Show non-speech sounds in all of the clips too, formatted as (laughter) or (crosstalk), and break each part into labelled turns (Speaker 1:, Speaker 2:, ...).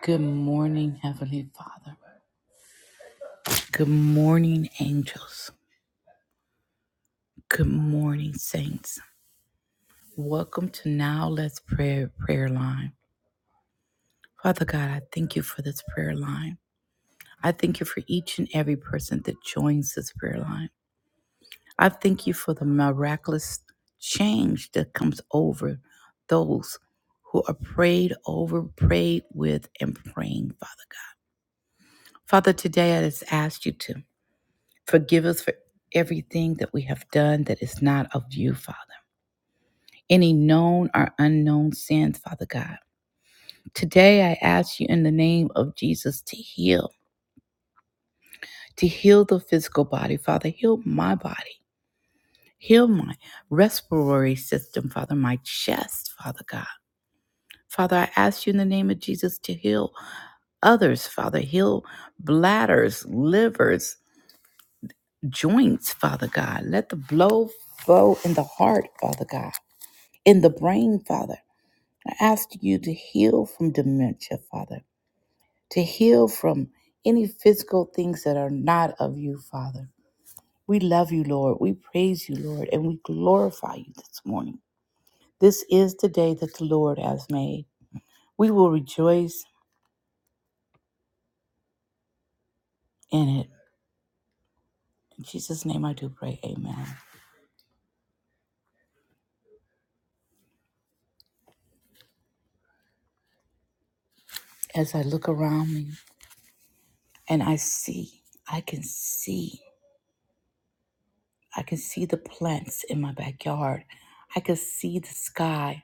Speaker 1: Good morning, Heavenly Father. Good morning, angels. Good morning, saints. Welcome to Now Let's Pray prayer line. Father God, I thank you for this prayer line. I thank you for each and every person that joins this prayer line. I thank you for the miraculous change that comes over those who are prayed over, prayed with, and praying, Father God. Father, today I just ask you to. Forgive us for everything that we have done that is not of you, Father. Any known or unknown sins, Father God. Today I ask you in the name of Jesus to heal, to heal the physical body, Father. Heal my body. Heal my respiratory system, Father, my chest, Father God. Father, I ask you in the name of Jesus to heal others, Father. Heal bladders, livers, joints, Father God. Let the blow flow in the heart, Father God. in the brain, Father. I ask you to heal from dementia, Father, to heal from any physical things that are not of you, Father. We love you, Lord. We praise you, Lord, and we glorify you this morning. This is the day that the Lord has made. We will rejoice in it. In Jesus' name I do pray, amen. As I look around me and I see, I can see, I can see the plants in my backyard. I can see the sky.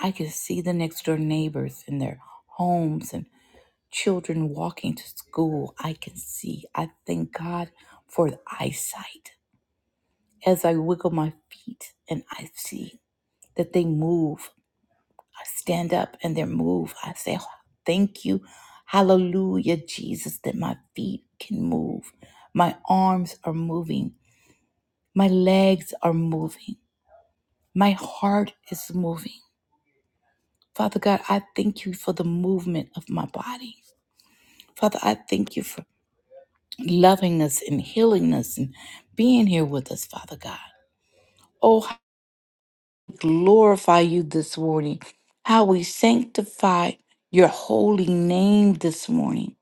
Speaker 1: I could see the next door neighbors in their homes and children walking to school. I can see. I thank God for the eyesight. As I wiggle my feet and I see that they move, I stand up and they move. I say, "Oh, Thank you. Hallelujah, Jesus, that my feet can move. My arms are moving. My legs are moving. My heart is moving. Father God, I thank you for the movement of my body. Father, I thank you for loving us and healing us and being here with us, Father God. Oh, how we glorify you this morning. How we sanctify your holy name this morning.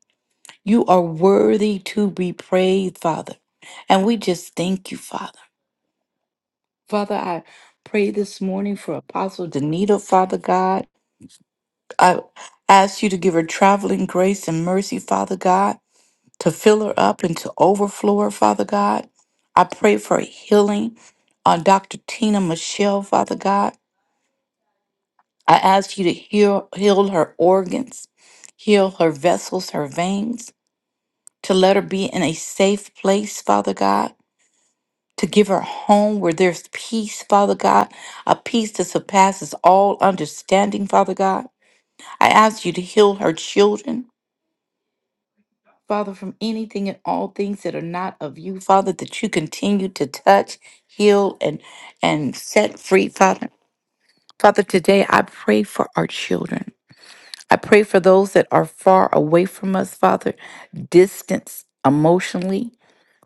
Speaker 1: You are worthy to be praised, Father. And we just thank you, Father. Father, I pray this morning for Apostle Danita, Father God. I ask you to give her traveling grace and mercy, Father God. to fill her up and to overflow her, Father God. I pray for healing on Dr. Tina Michelle, Father God. I ask you to heal, heal her organs, heal her vessels, her veins, to let her be in a safe place, Father God, to give her a home where there's peace, Father God, a peace that surpasses all understanding, Father God. I ask you to heal her children, Father, from anything and all things that are not of you, Father, that you continue to touch, heal, and and set free, Father. Father, today I pray for our children. I pray for those that are far away from us, Father, distance emotionally,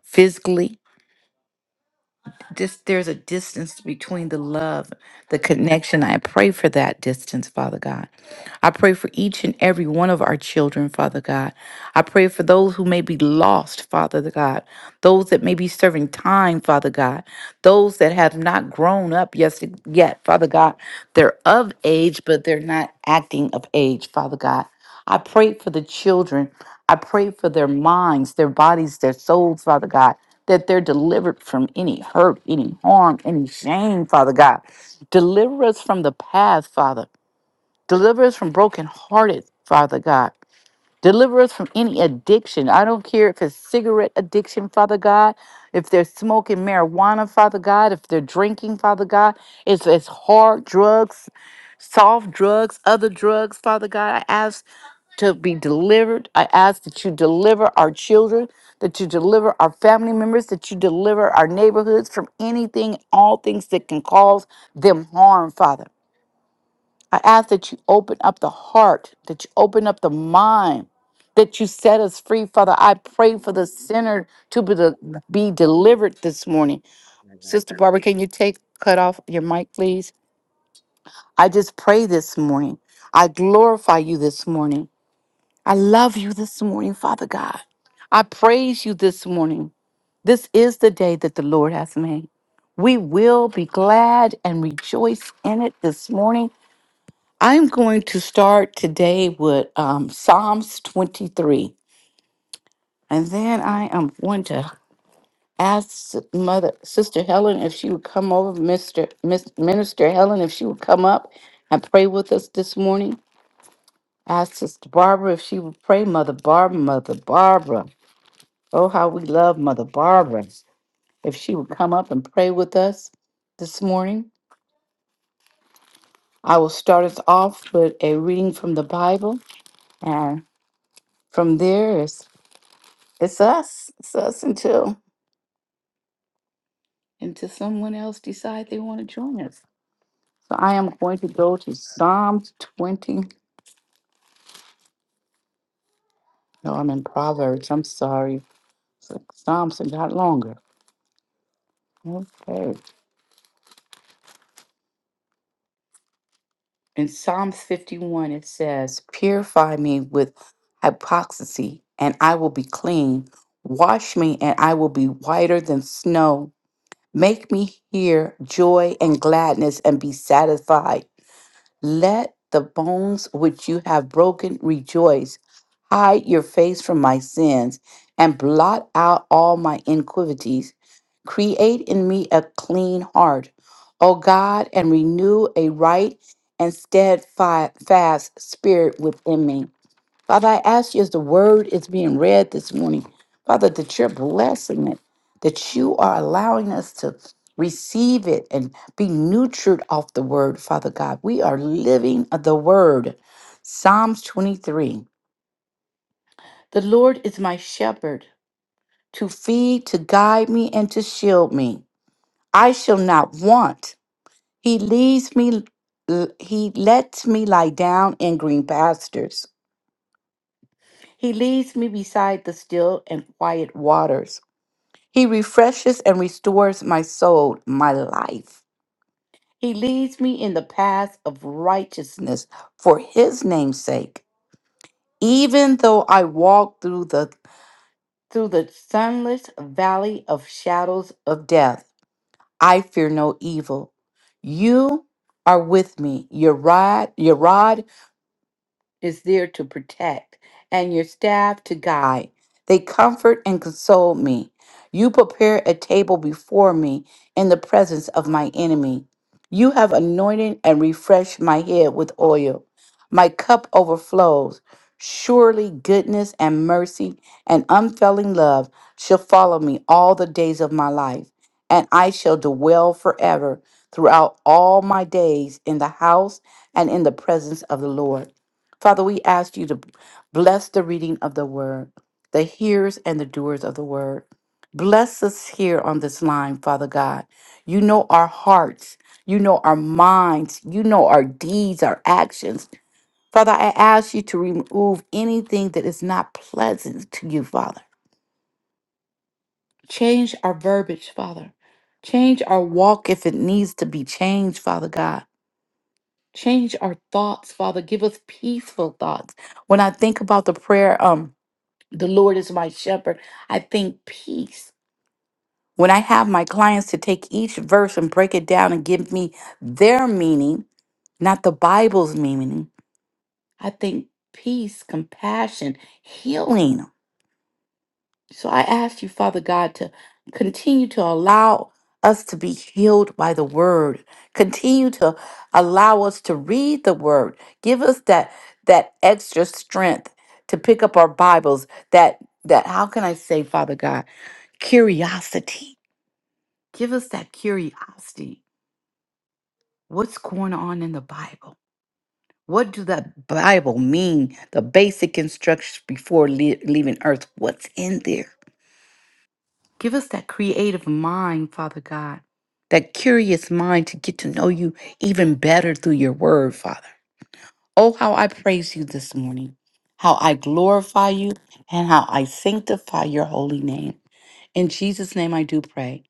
Speaker 1: physically. Just there's a distance between the love, the connection. I pray for that distance, Father God. I pray for each and every one of our children, Father God. I pray for those who may be lost, Father God, those that may be serving time, Father God, those that have not grown up yes, yet, Father God. They're of age, but they're not acting of age, Father God. I pray for the children. I pray for their minds, their bodies, their souls, Father God, that they're delivered from any hurt, any harm, any shame, Father God. Deliver us from the past, Father. Deliver us from brokenhearted, Father God. Deliver us from any addiction. I don't care if it's cigarette addiction, Father God, if they're smoking marijuana, Father God, if they're drinking, Father God, if it's hard drugs, soft drugs, other drugs, Father God. I ask to be delivered. I ask that you deliver our children, that you deliver our family members, that you deliver our neighborhoods from anything, all things that can cause them harm, Father. I ask that you open up the heart, that you open up the mind, that you set us free, Father. I
Speaker 2: I
Speaker 1: pray for the sinner to be, de- be delivered this morning.
Speaker 2: love
Speaker 1: Sister
Speaker 2: you.
Speaker 1: Barbara, can you take cut off your mic, please? I just pray this morning. I glorify you this morning. I love you this morning, Father God. I praise you this morning. This is the day that the Lord has made. We will be glad and rejoice in it this morning. I'm going to start today with um, Psalms 23, and then I am going to ask Mother Sister Helen if she would come over, Mister Miss, Minister Helen, if she would come up and pray with us this morning. Ask Sister Barbara if she would pray, Mother Barbara, Mother Barbara. Oh, how we love Mother Barbara. If she would come up and pray with us this morning, I will start us off with a reading from the Bible, and from there is. It's us. It's us until until someone else decide they want to join us. So I am going to go to Psalms 20. No, I'm in Proverbs. I'm sorry. So Psalms have got longer. Okay. In Psalms 51, it says, Purify me with hypocrisy, and I will be clean. Wash me, and I will be whiter than snow. Make me hear joy and gladness and be satisfied Let the bones which you have broken rejoice. Hide your face from my sins and blot out all my iniquities. Create in me a clean heart, O God, and renew a right and steadfast spirit within me. Father, I ask you as the word is being read this morning, Father, that you're blessing it, that you are allowing us to receive it and be nurtured off the word, Father God. We are living the word. Psalms 23 The Lord is my shepherd to feed, to guide me, and to shield me. I shall not want. He leads me, he lets me lie down in green pastures. He leads me beside the still and quiet waters. He refreshes and restores my soul, my life. He leads me in the paths of righteousness for his name's sake. Even though I walk through the through the sunless valley of shadows of death, I fear no evil. You are with me. Your rod, your rod is there to protect, and your staff to guide. They comfort and console me. You prepare a table before me in the presence of my enemy. You have anointed and refreshed my head with oil. My cup overflows. Surely goodness and mercy and unfailing love shall follow me all the days of my life, and I shall dwell forever throughout all my days in the house and in the presence of the Lord. Father, we ask you to bless the reading of the word, the hearers and the doers of the word. Bless us here on this line, Father God. You know our hearts, you know our minds, you know our deeds, our actions. Father, I ask you to remove anything that is not pleasant to you, Father. Change our verbiage, Father. Change our walk if it needs to be changed, Father God. Change our thoughts, Father. Give us peaceful thoughts. When I think about the prayer, um, The Lord is my shepherd. I think peace. When I have my clients to take each verse and break it down and give me their meaning, not the Bible's meaning, I think peace, compassion, healing. So I ask you, Father God, to continue to allow us to be healed by the word. Continue to allow us to read the word. Give us that that extra strength to pick up our Bibles. That that how can I say, Father God, curiosity. Give us that curiosity. What's going on in the Bible? What do the Bible mean? The basic instructions before le- leaving earth. What's in there? Give us that creative mind, Father God, that curious mind to get to know you even better through your word, Father. Oh, how I praise you this morning, how I glorify you, and how I sanctify your holy name. In Jesus' name I do pray.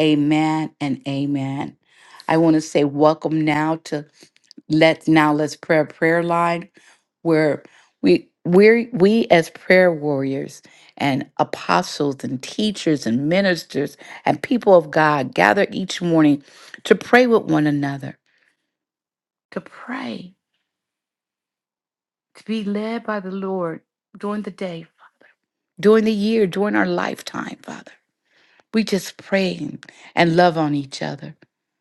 Speaker 1: Amen and amen. I want to say welcome now to let's now let's pray a prayer line where we we we as prayer warriors and apostles and teachers and ministers and people of God gather each morning to pray with one another, to pray, to be led by the Lord during the day, during the year, during our lifetime, Father. We just pray and and love on each other.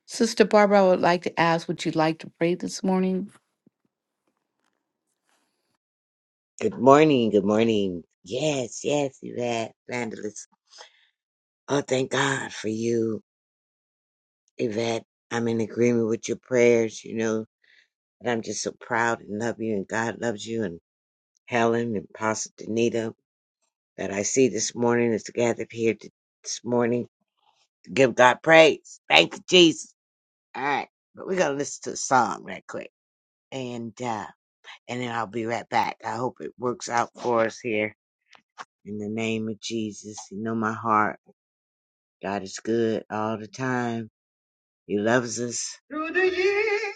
Speaker 1: Sister Barbara, I would like to ask, would you like to pray this morning?
Speaker 2: Good morning. Good morning. Yes, yes, Yvette, Vandalist. Oh, thank God for you, Yvette. I'm in agreement with your prayers, you know, and I'm just so proud and love you, and God loves you, and Helen and Pastor Danita that I see this morning is gathered here t- this morning to give God praise. Thank you, Jesus. All right, but we're going to listen to a song right quick. And, uh, and then I'll be right back. I hope it works out for us here In the name of Jesus, you know my heart. God is good all the time. He loves us. Through the years,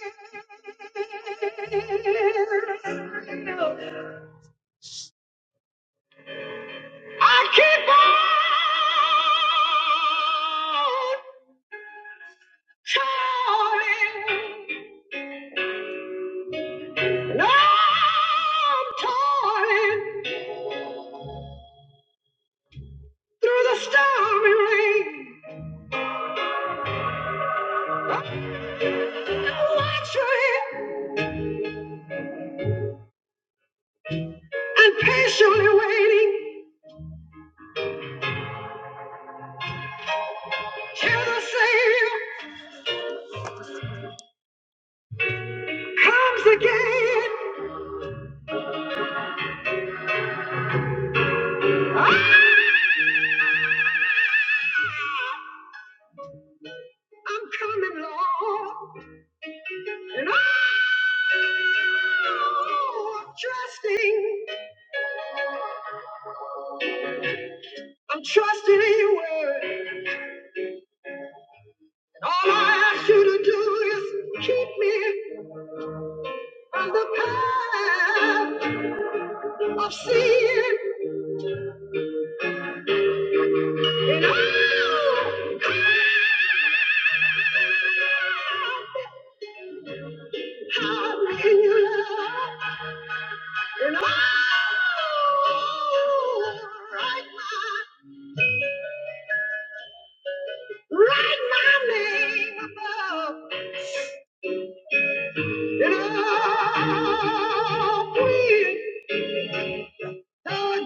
Speaker 2: I keep on toiling, and I'm toiling through the stormy rain. Watching and patiently waiting till the Savior comes again. Ah! I'm coming, Lord, and I'm trusting. I'm trusting in your word. And all I ask you to do is keep me from the path of sin.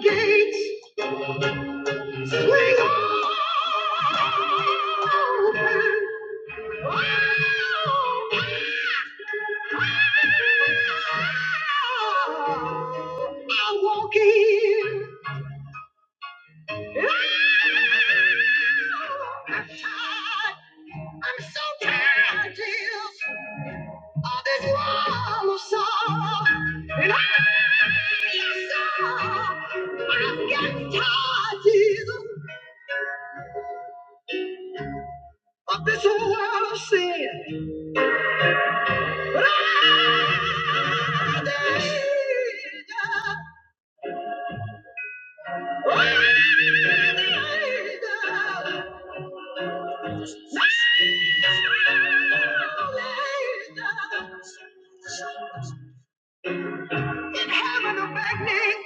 Speaker 2: Gates. I'm so tired, dear of this wall of sorrow. And I, yes, sir, I've got tired, Jesus. of this whole world of sin. In heaven above me,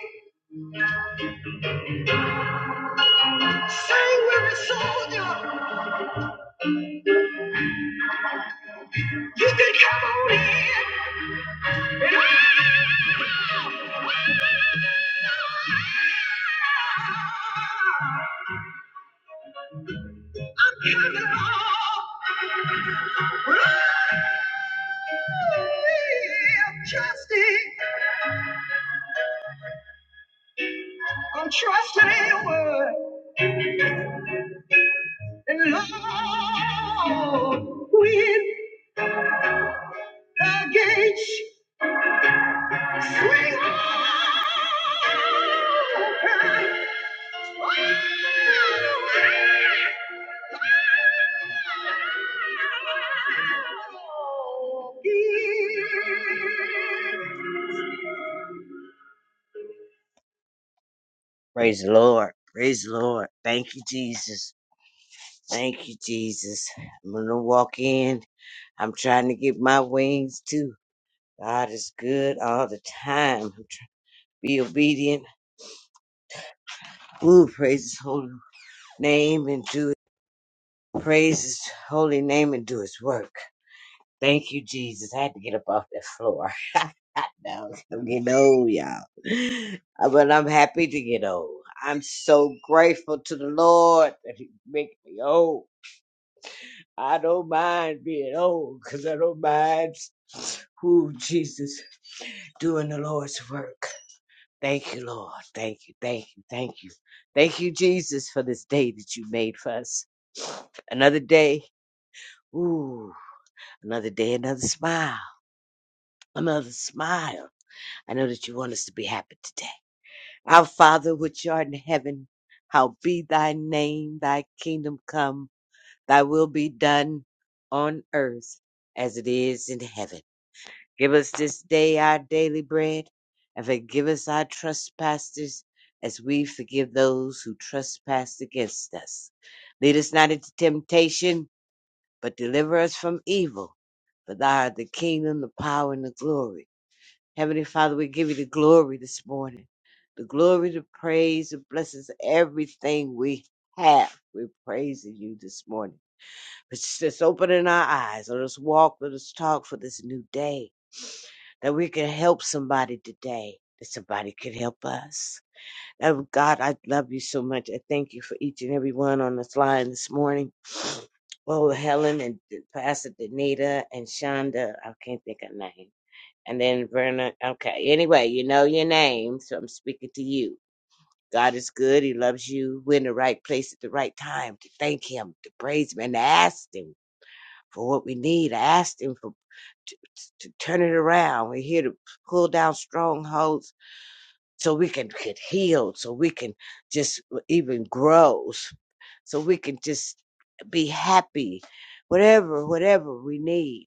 Speaker 2: sanguinary soldier, you can come on in. I'm giving it all. I'm trusting in your word and Lord, when the gates swing open. oh, Praise the Lord. Praise the Lord. Thank you, Jesus. Thank you, Jesus. I'm going to walk in. I'm trying to get my wings too. God is good all the time. I'm trying to be obedient. Ooh, praise his holy name and do it. Praise his holy name and do his work. Thank you, Jesus. I had to get up off that floor. (laughs) I know. I'm getting old, y'all. Uh, But I'm happy to get old. I'm so grateful to the Lord that he make me old. I don't mind being old because I don't mind ooh, Jesus doing the Lord's work. Thank you, Lord. Thank you, thank you, thank you. Thank you, Jesus, for this day that you made for us. Another day. Ooh, another day, another smile, another smile. I know that you want us to be happy today. Our Father, which art in heaven, how be thy name, thy kingdom come, thy will be done on earth as it is in heaven. Give us this day our daily bread, and forgive us our trespasses as we forgive those who trespass against us. Lead us not into temptation, but deliver us from evil. For thou art the kingdom, the power, and the glory. Heavenly Father, we give you the glory this morning. The glory, the praise, the blessings, everything we have. We're praising you this morning. It's just opening our eyes. Let us walk, let us talk for this new day. (sniffs) That we can help somebody today, that somebody could help us. Oh God, I love you so much. I thank you for each and every one on this line this morning. (sniffs) Oh, Helen and Pastor Danita and Shonda. I can't think of her name. And then Verna. Okay. Anyway, you know your name, so I'm speaking to you. God is good. He loves you. We're in the right place at the right time to thank him, to praise him, and to ask him for what we need. I asked him for to, to turn it around. We're here to pull down strongholds so we can get healed, so we can just even grow, so we can just be happy. Whatever, whatever we need,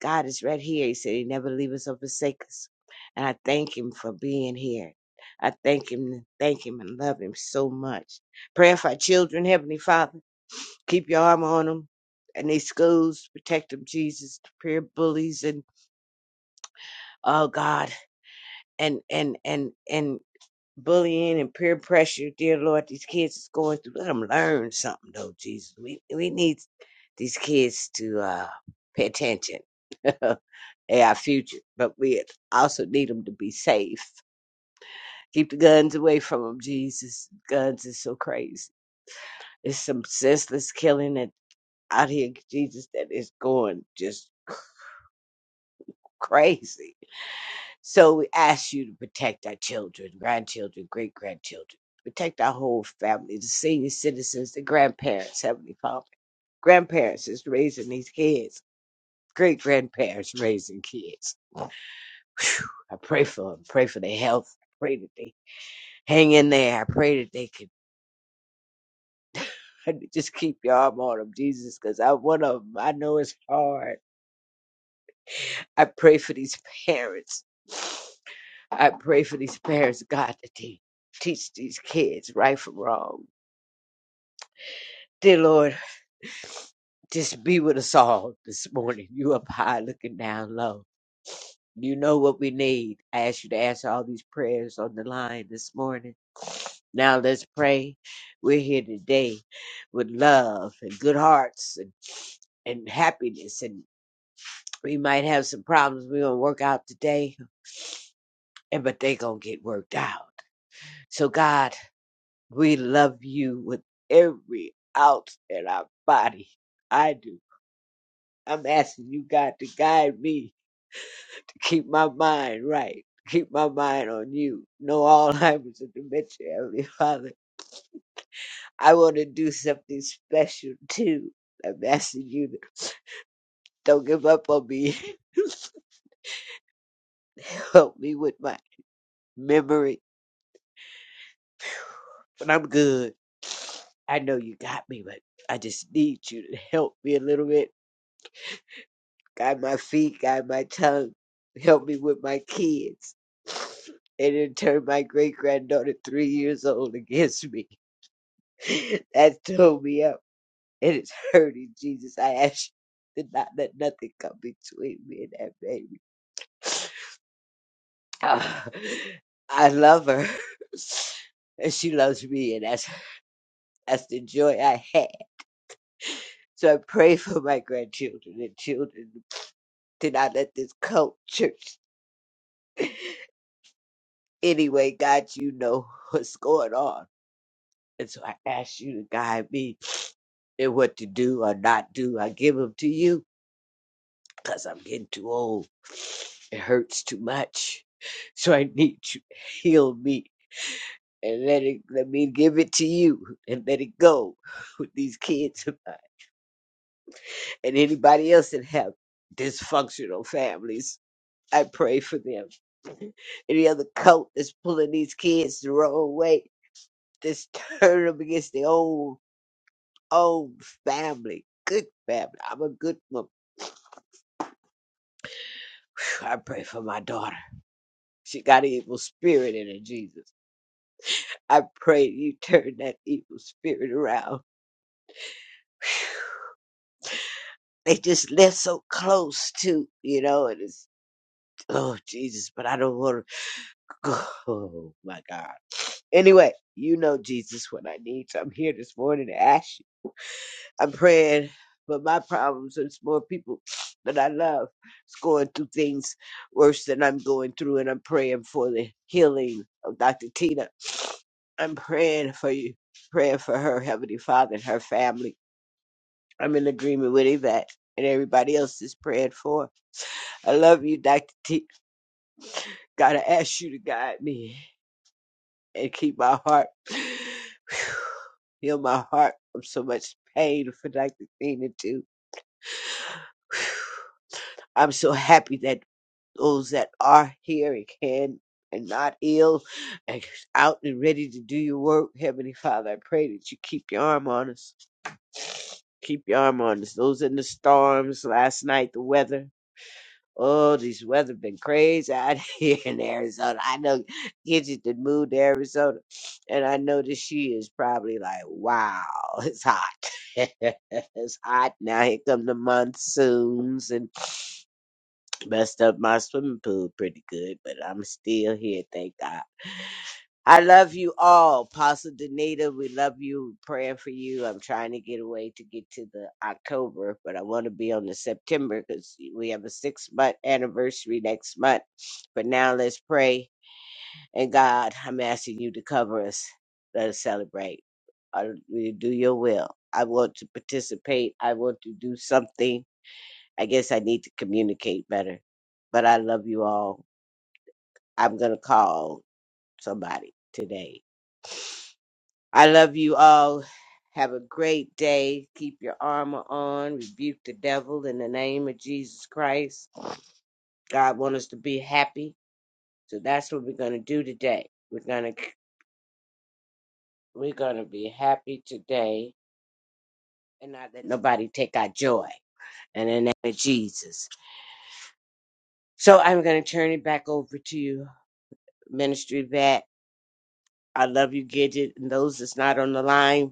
Speaker 2: God is right here. He said He never leave us or forsake us, and I thank Him for being here. I thank Him, thank Him, and love Him so much. Prayer for our children, Heavenly Father. Keep your arm on them and they schools. Protect them, Jesus. peer bullies and oh God, and and and and bullying and peer pressure, dear Lord. These kids is going through. Let them learn something though, Jesus. We we need these kids to uh, pay attention. (laughs) they our future, but we also need them to be safe. Keep the guns away from them, Jesus. Guns is so crazy. There's some senseless killing that out here, Jesus, that is going just. crazy. So we ask you to protect our children, grandchildren, great grandchildren, protect our whole family, the senior citizens, the grandparents, Heavenly Father. Grandparents is raising these kids, great grandparents raising kids. I pray for them, pray for their health, I pray that they hang in there. I pray that they can (laughs) just keep your arm on them, Jesus, because I one of them. I know it's hard. I pray for these parents. I pray for these parents, God, that they teach these kids right from wrong. Dear Lord, just be with us all this morning. You up high, looking down low. You know what we need. I ask you to answer all these prayers on the line this morning. Now let's pray. We're here today with love and good hearts and, and happiness. And we might have some problems we're gonna work out today, and but they gonna get worked out. So God. We love you with every ounce in our body. I do. I'm asking you, God, to guide me to keep my mind right, to keep my mind on you. No Alzheimer's and dementia, (laughs) Heavenly Father. I want to do something special too. I'm asking you to don't give up on me. (laughs) Help me with my memory, but I'm good. I know you got me, but I just need you to help me a little bit guide my feet, guide my tongue, help me with my kids. And in turn, my great granddaughter, three years old, against me. (laughs) That tore me up, and it's hurting. Jesus, I ask you to not let nothing come between me and that baby. (sighs) Ah, I love her, (laughs) and she loves me, and that's that's the joy I have. So I pray for my grandchildren and children to not let this cult church. (laughs) Anyway, God, you know (laughs) what's going on. And so I ask you to guide me in what to do or not do. I give them to you because I'm getting too old. It hurts too much. So I need you to heal me and let it let me give it to you and let it go with these kids of mine and anybody else that have dysfunctional families. I pray for them. (laughs) Any other cult that's pulling these kids the wrong way, just (laughs) turn them against their own. Oh, family, good family. I'm a good mom. I pray for my daughter. She got an evil spirit in her, Jesus. I pray you (laughs) turn that evil spirit around. They just live so close to, you know, and it's, oh, Jesus, but I don't want to, (sighs) oh, my God. Anyway, you know, Jesus, what I need. So I'm here this morning to ask you. I'm praying for my problems and it's more people (sniffs) that I love is going through things worse than I'm going through, and I'm praying for the healing of Dr. Tina. (sniffs) I'm praying for you, praying for her, Heavenly Father, and her family. I'm in agreement with Yvette and everybody else is praying for. I love you, Dr. T. Gotta ask you to guide me and keep my heart, (sniffs) (sighs) heal my heart from so much pain for Dr. Tina, too. I'm so happy that those that are here and can and not ill and out and ready to do your work. Heavenly Father, I pray that you keep your arm on us. Keep your arm on us. Those in the storms last night, the weather. Oh, this weather been crazy out (laughs) here in Arizona. I know Gidget did moved to Arizona, and I know that she is probably like, "Wow, it's hot. (laughs) it's hot now. Here come the monsoons, and messed up my swimming pool pretty good, but I'm still here, thank God. I love you all. Apostle Danita, we love you. Praying for you. I'm trying to get away to get to the October, but I want to be on the September because we have a six month anniversary next month. But now let's pray. And God, I'm asking you to cover us. Let us celebrate. I, we do your will. I want to participate. I want to do something. I guess I need to communicate better. But I love you all I'm going to call somebody today. I love you all. Have a great day. Keep your armor on. Rebuke the devil in the name of Jesus Christ. God wants us to be happy. So that's what we're going to do today. We're going to we're going to be happy today and not let nobody take our joy in the name of Jesus. So I'm going to turn it back over to you, Ministry Vet. I love you, Gidget, and those that's not on the line.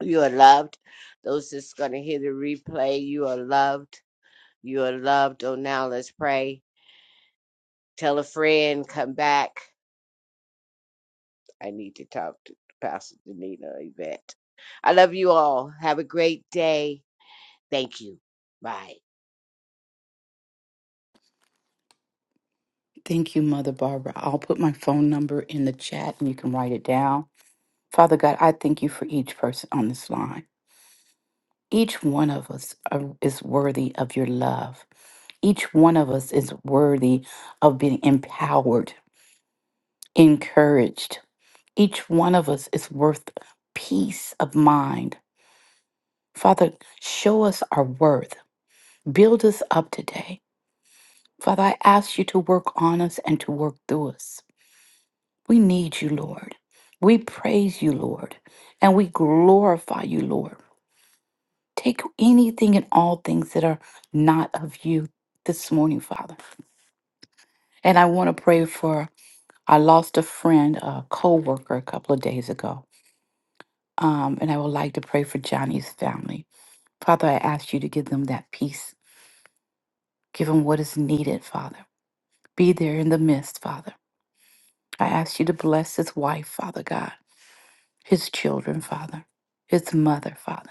Speaker 2: You are loved. Those that's going to hear the replay, you are loved. You are loved. Oh, now let's pray. Tell a friend, come back. I need to talk to Pastor Danita Yvette. I love you all. Have a great day. Thank you. Bye.
Speaker 1: Thank you, Mother Barbara. I'll put my phone number in the chat and you can write it down. Father God, I thank you for each person on this line. Each one of us are, is worthy of your love. Each one of us is worthy of being empowered, encouraged. Each one of us is worth peace of mind. Father, show us our worth. Build us up today. Father, I ask you to work on us and to work through us. We need you, Lord. We praise you, Lord, and we glorify you, Lord. Take anything and all things that are not of you this morning, Father. And I want to pray for I lost a friend, a co-worker a couple of days ago. Um, and I would like to pray for Johnny's family. Father, I ask you to give them that peace. Give them what is needed, Father. Be there in the midst, Father. I ask you to bless his wife, Father God, his children, Father, his mother, Father.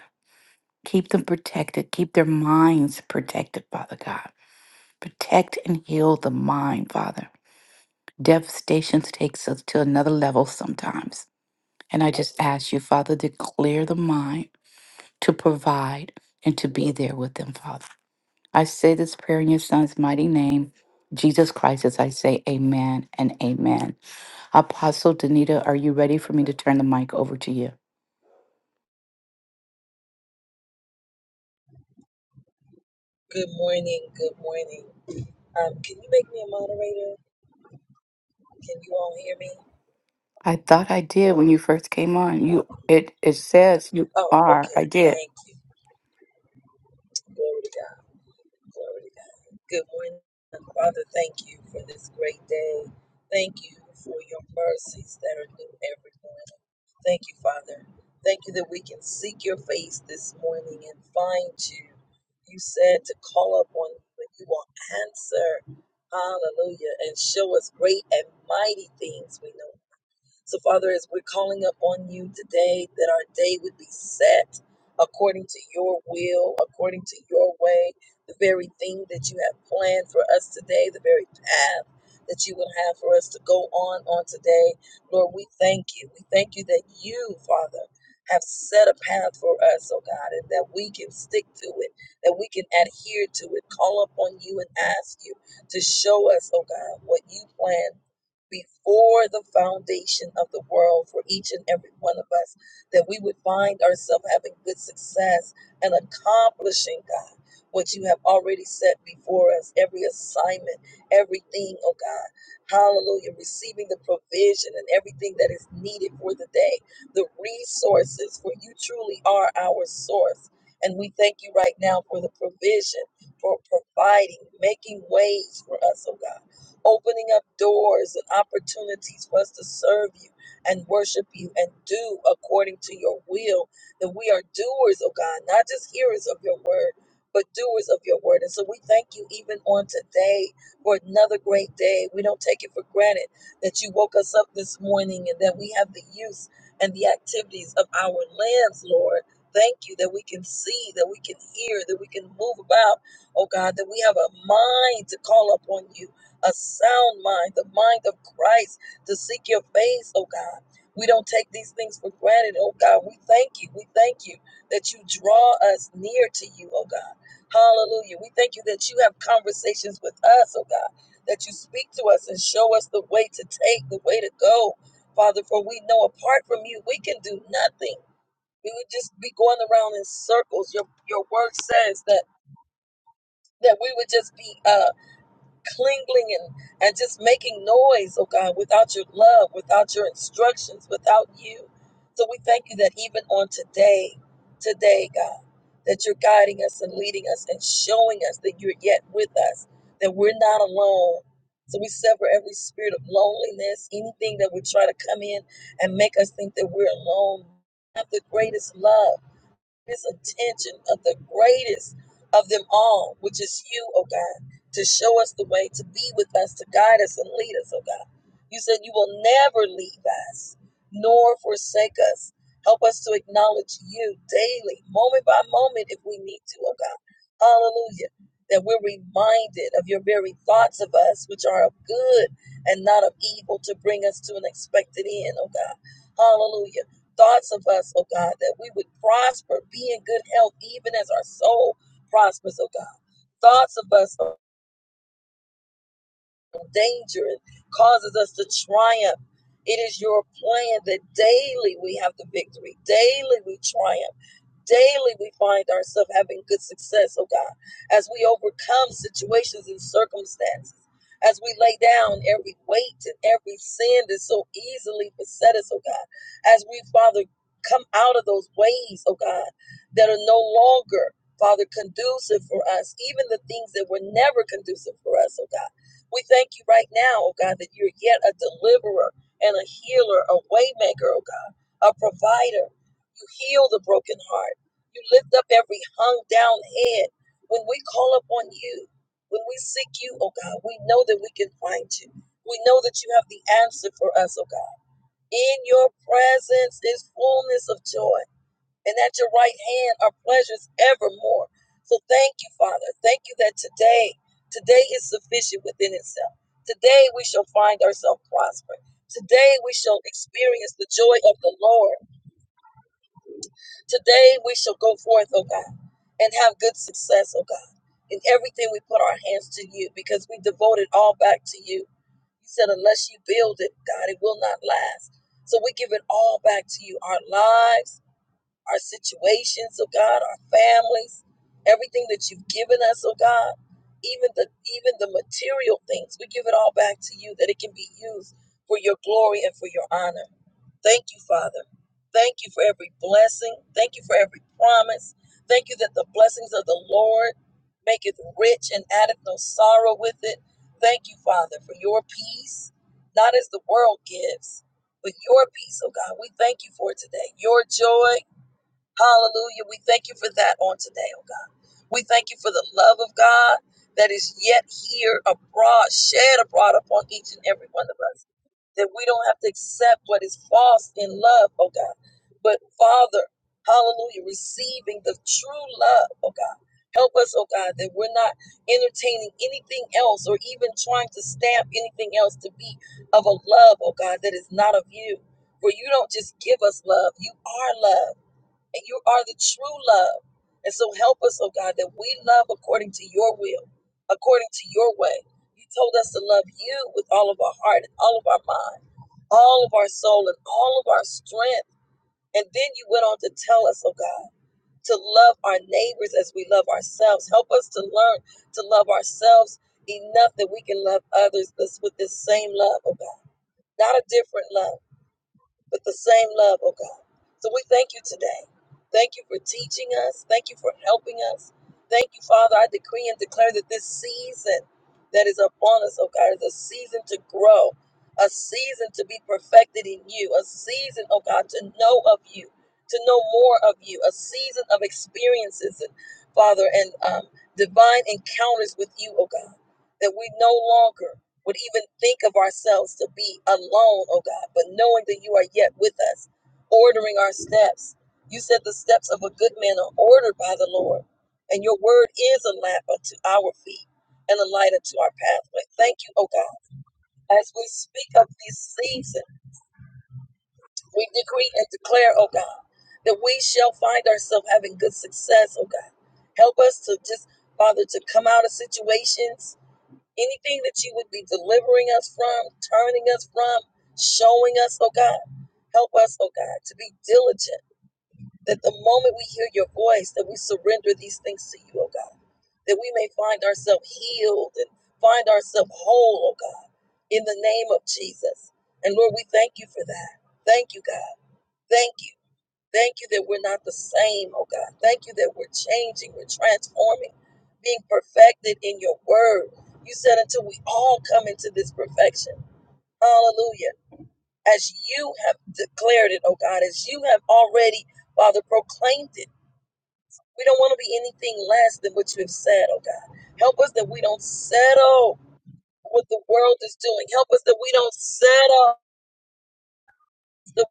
Speaker 1: Keep them protected. Keep their minds protected, Father God. Protect and heal the mind, Father. Devastation takes us to another level sometimes. And I just ask you, Father, to clear the mind, to provide, and to be there with them, Father. I say this prayer in your Son's mighty name, Jesus Christ, as I say amen and amen. Apostle Danita, are you ready for me to turn the mic over to you?
Speaker 3: Good morning. Good morning. Um, can you make me a moderator? Can you all hear me?
Speaker 1: I thought I did when you first came on. You it it says you
Speaker 3: Oh,
Speaker 1: are. I
Speaker 3: okay.
Speaker 1: did.
Speaker 3: Thank you. Glory to God. Glory to God. Good morning. Father, thank you for this great day. Thank you for your mercies that are new every morning. Thank you, Father. Thank you that we can seek your face this morning and find you. You said to call upon you and you will answer. Hallelujah. And show us great and mighty things we know So, Father, as we're calling up on you today, that our day would be set according to your will, according to your way, the very thing that you have planned for us today, the very path that you would have for us to go on on today. Lord, we thank you. We thank you that you, Father, have set a path for us, oh God, and that we can stick to it, that we can adhere to it, call upon you and ask you to show us, oh God, what you plan before the foundation of the world for each and every one of us, that we would find ourselves having good success and accomplishing, God, what you have already set before us, every assignment, everything, oh God. Hallelujah. Receiving the provision and everything that is needed for the day, the resources, for you truly are our source. And we thank you right now for the provision, for providing, making ways for us, oh God opening up doors and opportunities for us to serve you and worship you and do according to your will. That we are doers, oh God, not just hearers of your word, but doers of your word. And so we thank you even on today for another great day. We don't take it for granted that you woke us up this morning and that we have the use and the activities of our limbs, Lord. Thank you that we can see, that we can hear, that we can move about, oh God, that we have a mind to call upon you a sound mind, the mind of Christ, to seek your face, oh God. We don't take these things for granted, oh God. We thank you. We thank you that you draw us near to you, oh God. Hallelujah. We thank you that you have conversations with us, oh God, that you speak to us and show us the way to take, the way to go, Father, for we know apart from you, we can do nothing. We would just be going around in circles. Your your word says that that we would just be uh clinging and, and just making noise, oh God, without your love, without your instructions, without you. So we thank you that even on today, today, God, that you're guiding us and leading us and showing us that you're yet with us, that we're not alone. So we sever every spirit of loneliness, anything that would try to come in and make us think that we're alone. You Have the greatest love his attention of the greatest of them all, which is you, oh God, to show us the way, to be with us, to guide us and lead us, oh God. You said you will never leave us nor forsake us. Help us to acknowledge you daily, moment by moment, if we need to, oh God. Hallelujah. That we're reminded of your very thoughts of us, which are of good and not of evil, to bring us to an expected end, oh God. Hallelujah thoughts of us, oh God, that we would prosper, be in good health, even as our soul prospers, oh God. Thoughts of us of danger and causes us to triumph. It is your plan that daily we have the victory, daily we triumph daily we find ourselves having good success, oh God, as we overcome situations and circumstances, as we lay down every weight and every sin that so easily beset us, oh God, as we, Father, come out of those ways, oh God, that are no longer, Father, conducive for us, even the things that were never conducive for us, oh God. We thank you right now, oh God, that you're yet a deliverer and a healer, a waymaker, oh God, a provider. You heal the broken heart. You lift up every hung down head. When we call upon you, when we seek you, oh God, we know that we can find you. We know that you have the answer for us, oh God. In your presence is fullness of joy, and at your right hand are pleasures evermore. So thank you, Father. Thank you that today, today is sufficient within itself. Today we shall find ourselves prospering. Today we shall experience the joy of the Lord. Today we shall go forth, O God, and have good success, O God, in everything we put our hands to you, because we devote it all back to you. You said, unless you build it, God, it will not last. So we give it all back to you our lives, our situations, oh God, our families, everything that you've given us, oh God. Even the even the material things, we give it all back to you that it can be used for your glory and for your honor. Thank you, Father. Thank you for every blessing. Thank you for every promise. Thank you that the blessings of the Lord make it rich and addeth no sorrow with it. Thank you, Father, for your peace, not as the world gives, but your peace, oh God. We thank you for it today. Your joy, hallelujah. We thank you for that on today, oh God. We thank you for the love of God that is yet here abroad, shed abroad upon each and every one of us that we don't have to accept what is false in love, oh God. But Father, hallelujah, receiving the true love, oh God. Help us, oh God, that we're not entertaining anything else or even trying to stamp anything else to be of a love, oh God, that is not of you. For you don't just give us love, you are love, and you are the true love. And so help us, oh God, that we love according to your will, according to your way. You told us to love you with all of our heart and all of our mind all of our soul and all of our strength. And then you went on to tell us, oh God, to love our neighbors as we love ourselves. Help us to learn to love ourselves enough that we can love others with this same love, oh God. Not a different love with the same love, oh God. So we thank you today. Thank you for teaching us. Thank you for helping us. Thank you, Father. I decree and declare that this season that is upon us, oh God, is a season to grow, a season to be perfected in you, a season, oh God, to know of you, to know more of you, a season of experiences, and Father, and um, divine encounters with you, oh God, that we no longer would even think of ourselves to be alone, oh God, but knowing that you are yet with us, ordering our steps. You said the steps of a good man are ordered by the Lord, and your word is a lamp unto our feet and a light unto our pathway. Thank you, oh God. As we speak of this season, we decree and declare, oh God, that we shall find ourselves having good success, oh God. Help us to just, Father, to come out of situations Anything that you would be delivering us from, turning us from, showing us, oh God, help us, oh God, to be diligent that the moment we hear your voice, that we surrender these things to you, oh God, that we may find ourselves healed and find ourselves whole, oh God, in the name of Jesus. And Lord, we thank you for that. Thank you, God. Thank you. Thank you that we're not the same, oh God. Thank you that we're changing, we're transforming, being perfected in your word. You said until we all come into this perfection. Hallelujah. As you have declared it, oh God, as you have already, Father, proclaimed it. We don't want to be anything less than what you have said, oh God. Help us that we don't settle what the world is doing. Help us that we don't settle the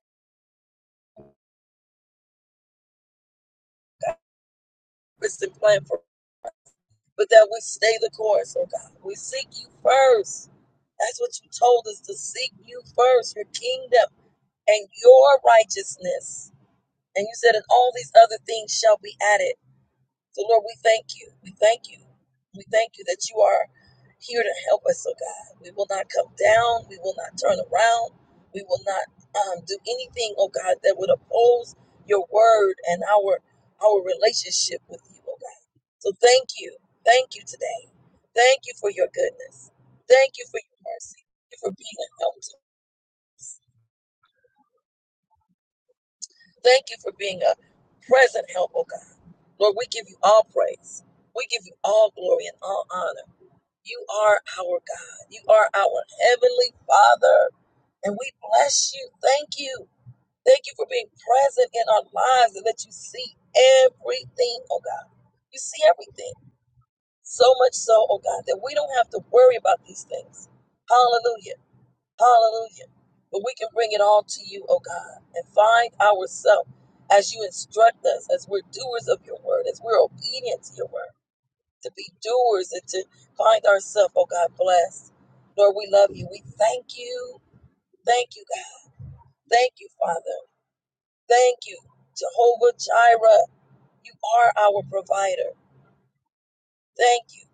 Speaker 3: purpose and plan for but that we stay the course, oh God. We seek you first. That's what you told us to seek you first, your kingdom and your righteousness. And you said, and all these other things shall be added. So, Lord, we thank you. We thank you. We thank you that you are here to help us, oh God. We will not come down. We will not turn around. We will not um, do anything, oh God, that would oppose your word and our our relationship with you, oh God. So thank you. Thank you today. Thank you for your goodness. Thank you for your mercy. Thank you for being a help to us. Thank you for being a present help, oh God. Lord, we give you all praise. We give you all glory and all honor. You are our God. You are our Heavenly Father. And we bless you. Thank you. Thank you for being present in our lives and that you see everything, oh God. You see everything. So much so, oh God, that we don't have to worry about these things. Hallelujah. Hallelujah. But we can bring it all to you, oh God, and find ourselves as you instruct us, as we're doers of your word, as we're obedient to your word to be doers and to find ourselves, oh God, blessed. Lord, we love you. We thank you. Thank you, God. Thank you, Father. Thank you, Jehovah Jireh. You are our provider. Thank you,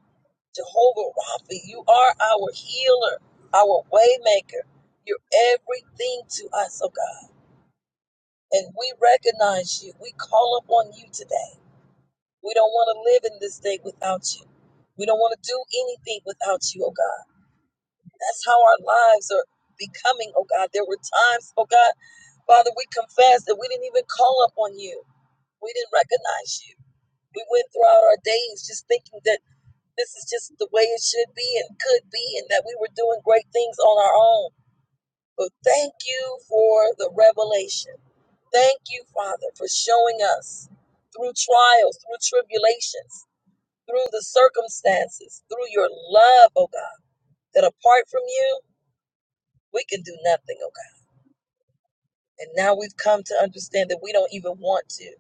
Speaker 3: Jehovah Rapha. You are our healer, our waymaker. You're everything to us, oh God. And we recognize you. We call upon you today. We don't want to live in this day without you. We don't want to do anything without you, oh God. That's how our lives are becoming, oh God. There were times, oh God, Father, we confess that we didn't even call up on you. We didn't recognize you. We went throughout our days just thinking that this is just the way it should be and could be, and that we were doing great things on our own. But thank you for the revelation. Thank you, Father, for showing us through trials, through tribulations, through the circumstances, through your love, oh God, that apart from you, we can do nothing, oh And now we've come to understand that we don't even want to.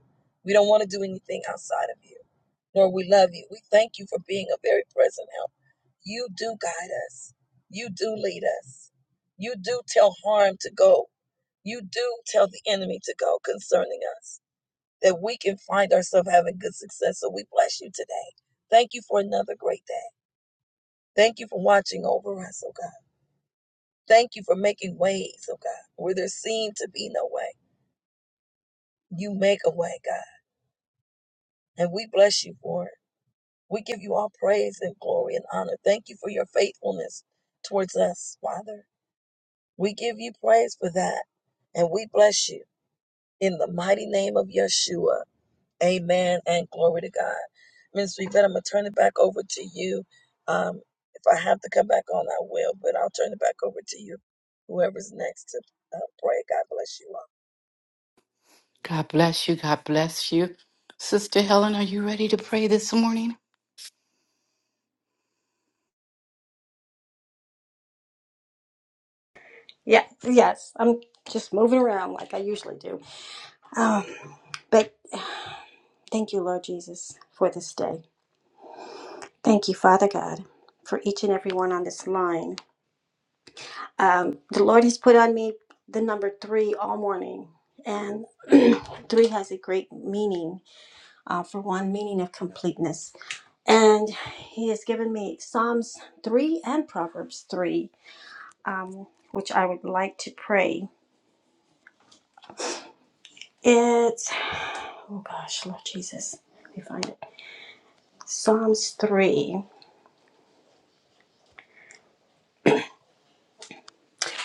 Speaker 3: We don't want to do anything outside of you, nor we love you. We thank you for being a very present help. You do guide us, you do lead us, you do tell harm to go, you do tell the enemy to go concerning us, that we can find ourselves having good success. So we bless you today. Thank you for another great day. Thank you for watching over us, oh God. Thank you for making ways, oh God, where there seemed to be no way. You make a way, God. And we bless you for it. We give you all praise and glory and honor. Thank you for your faithfulness towards us, Father. We give you praise for that. And we bless you in the mighty name of Yeshua. Amen and glory to God. Ministry vet, I'm going to turn it back over to you. Um, if I have to come back on, I will, but I'll turn it back over to you. Whoever's next to uh, pray, God bless you all.
Speaker 1: God bless you. God bless you. Sister Helen, are you ready to pray this morning?
Speaker 4: Yeah, yes. I'm just moving around like I usually do. Um, but thank you, Lord Jesus, for this day. Thank you, Father God, for each and every one on this line. Um, the Lord has put on me the number three all morning, and (clears throat) three has a great meaning. Uh, for one, meaning of completeness, and He has given me Psalms three and Proverbs three, um, which I would like to pray. It's oh gosh, Lord Jesus, let me find it. Psalms 3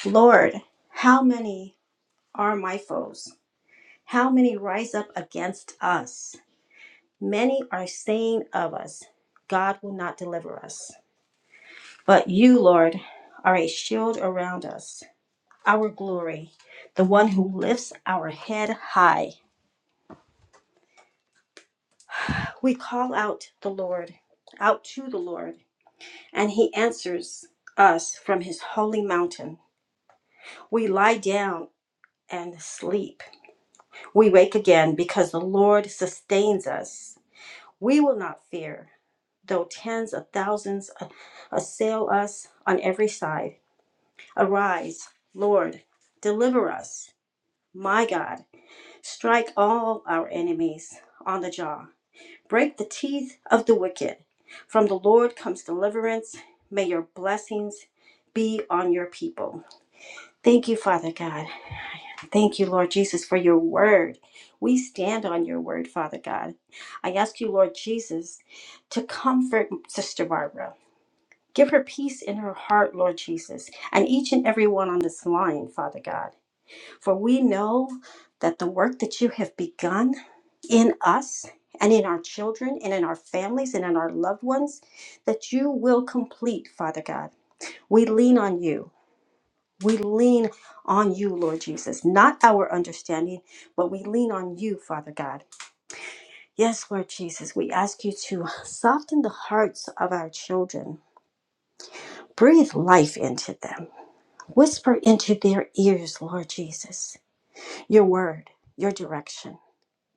Speaker 4: Lord, how many are my foes? How many rise up against us? Many are saying of us, God will not deliver us. But you, Lord, are a shield around us, our glory, the one who lifts our head high. We call out the Lord, out to the Lord, and he answers us from his holy mountain. We lie down and sleep We wake again because the Lord sustains us. We will not fear, though tens of thousands assail us on every side. Arise, Lord, deliver us. My God, strike all our enemies on the jaw. Break the teeth of the wicked. From the Lord comes deliverance. May your blessings be on your people. Thank you, Father God. Thank you, Lord Jesus, for your word. We stand on your word, Father God. I ask you, Lord Jesus, to comfort Sister Barbara. Give her peace in her heart, Lord Jesus, and each and every one on this line, Father God. For we know that the work that you have begun in us and in our children and in our families and in our loved ones, that you will complete, Father God. We lean on you. We lean on you, Lord Jesus, not our understanding, but we lean on you, Father God. Yes, Lord Jesus, we ask you to soften the hearts of our children. Breathe life into them. Whisper into their ears, Lord Jesus, your word, your direction.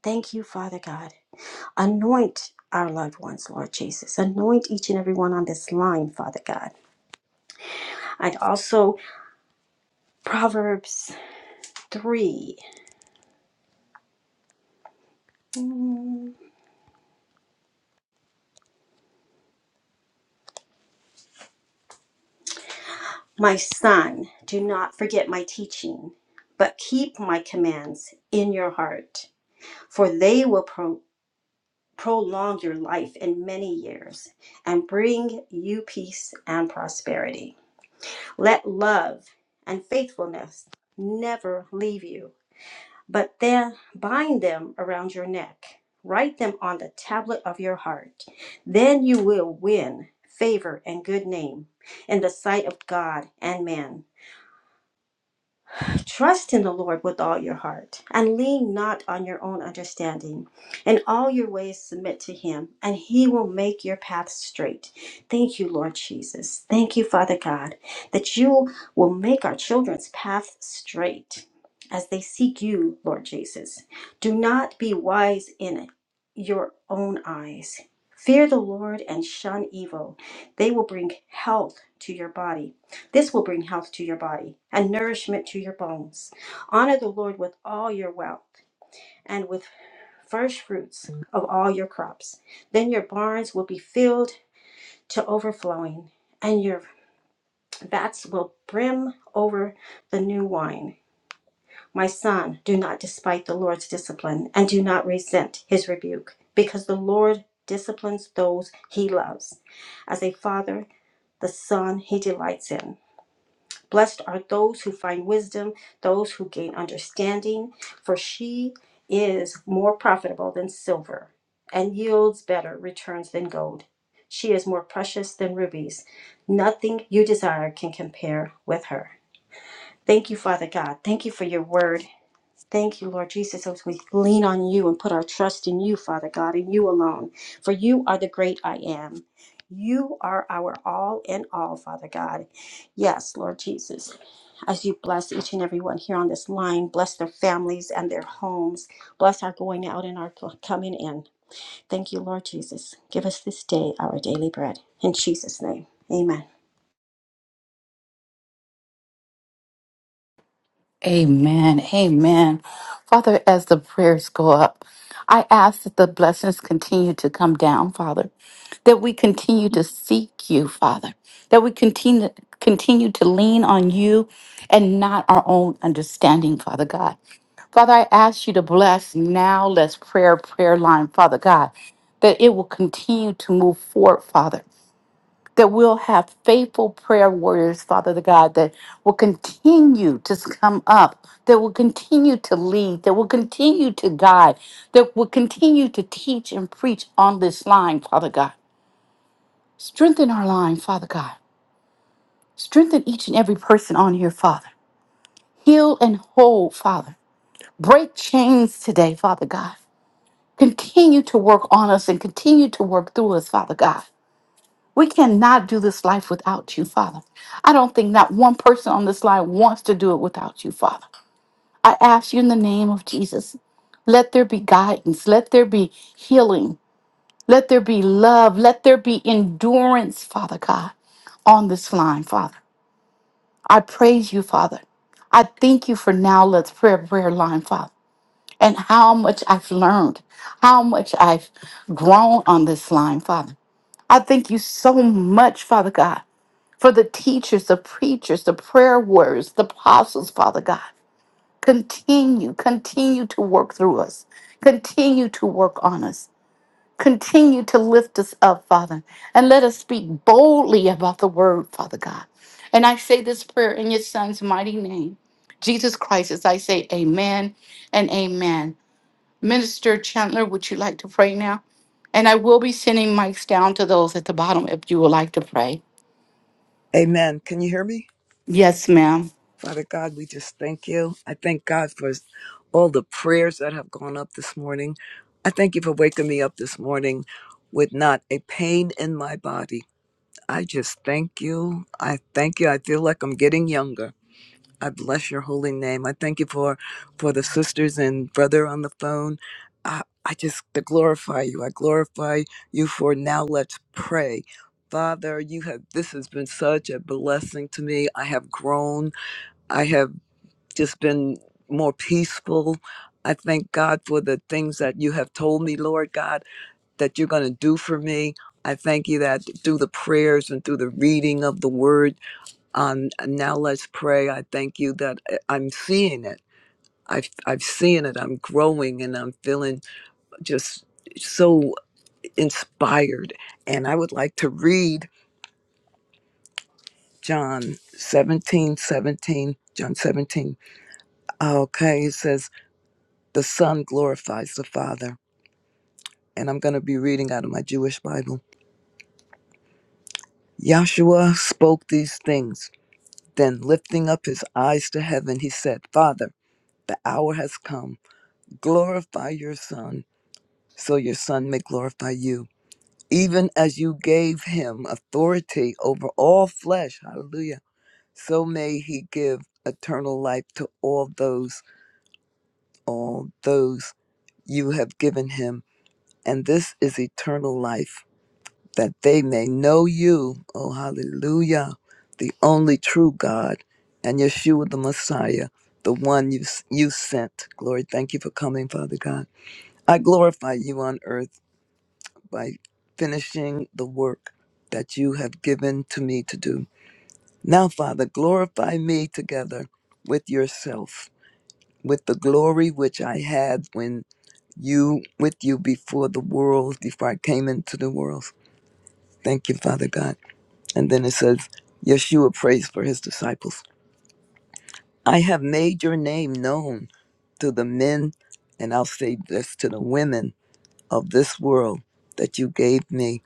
Speaker 4: Thank you, Father God. Anoint our loved ones, Lord Jesus. Anoint each and every one on this line, Father God. And also, Proverbs 3. My son, do not forget my teaching, but keep my commands in your heart, for they will pro- prolong your life in many years and bring you peace and prosperity. Let love and faithfulness never leave you, but then bind them around your neck. Write them on the tablet of your heart. Then you will win favor and good name in the sight of God and man. Trust in the Lord with all your heart, and lean not on your own understanding. In all your ways, submit to Him, and He will make your path straight. Thank you, Lord Jesus. Thank you, Father God, that you will make our children's path straight as they seek you, Lord Jesus. Do not be wise in your own eyes. Fear the Lord and shun evil. They will bring health to your body this will bring health to your body and nourishment to your bones. Honor the Lord with all your wealth and with first fruits of all your crops. Then your barns will be filled to overflowing, and your vats will brim over the new wine. My son, do not despite the Lord's discipline, and do not resent his rebuke, because the Lord disciplines those he loves. As a father, the son he delights in. Blessed are those who find wisdom, those who gain understanding, for she is more profitable than silver and yields better returns than gold. She is more precious than rubies. Nothing you desire can compare with her. Thank you, Father God. Thank you for your word. Thank you, Lord Jesus, as we lean on you and put our trust in you, Father God, and you alone. For you are the great I am. You are our all in all, Father God. Yes, Lord Jesus, as you bless each and every one here on this line, bless their families and their homes, bless our going out and our coming in. Thank you, Lord Jesus. Give us this day our daily bread. In Jesus' name, amen.
Speaker 1: Amen. Amen. Father, as the prayers go up, I ask that the blessings continue to come down, Father, that we continue to seek you, Father, that we continue continue to lean on you and not our own understanding, Father God. Father, I ask you to bless now, let's prayer, prayer line, Father God, that it will continue to move forward, Father. that we'll have faithful prayer warriors, Father the God, that will continue to come up, that will continue to lead, that will continue to guide, that will continue to teach and preach on this line, Father God. Strengthen our line, Father God. Strengthen each and every person on here, Father. Heal and hold, Father. Break chains today, Father God. Continue to work on us and continue to work through us, Father God. We cannot do this life without you, Father. I don't think not one person on this line wants to do it without you, Father. I ask you in the name of Jesus, let there be guidance, let there be healing, let there be love, let there be endurance, Father God, on this line, Father. I praise you, Father. I thank you for now. Let's prayer prayer line, Father, and how much I've learned, how much I've grown on this line, Father. I thank you so much, Father God for the teachers, the preachers, the prayer warriors, the apostles, Father God. Continue, continue to work through us. Continue to work on us. Continue to lift us up, Father. And let us speak boldly about the word, Father God. And I say this prayer in your son's mighty name. Jesus Christ, as I say amen and amen. Minister Chandler, would you like to pray now? And I will be sending mics down to those at the bottom if you would like to pray.
Speaker 5: Amen. Can you hear me?
Speaker 1: Yes, ma'am.
Speaker 5: Father God, we just thank you. I thank God for all the prayers that have gone up this morning. I thank you for waking me up this morning with not a pain in my body. I just thank you. I thank you. I feel like I'm getting younger. I bless your holy name. I thank you for for the sisters and brother on the phone. I, I just to glorify you. I glorify you for now let's pray. Father, you have this has been such a blessing to me. I have grown. I have just been more peaceful. I thank God for the things that you have told me, Lord God, that you're going to do for me. I thank you that through the prayers and through the reading of the word um, and now let's pray. I thank you that I- I'm seeing it. I've, I've seen it. I'm growing and I'm feeling just so inspired. And I would like to read John 17 17. John 17. Okay, it says, The Son glorifies the Father. And I'm going to be reading out of my Jewish Bible. Yahshua spoke these things. Then, lifting up his eyes to heaven, he said, Father, the hour has come. Glorify your Son so your Son may glorify you. Even as you gave him authority over all flesh, hallelujah, so may he give eternal life to all those, all those you have given him. And this is eternal life, that they may know you, oh hallelujah, the only true God, and Yeshua the Messiah, the one you, you sent. Glory, thank you for coming, Father God. I glorify you on earth by finishing the work that you have given to me to do. Now, Father, glorify me together with yourself, with the glory which I had when you with you before the world, before I came into the world. Thank you, Father God. And then it says, Yeshua prays for his disciples. I have made your name known to the men, and I'll say this to the women of this world that you gave me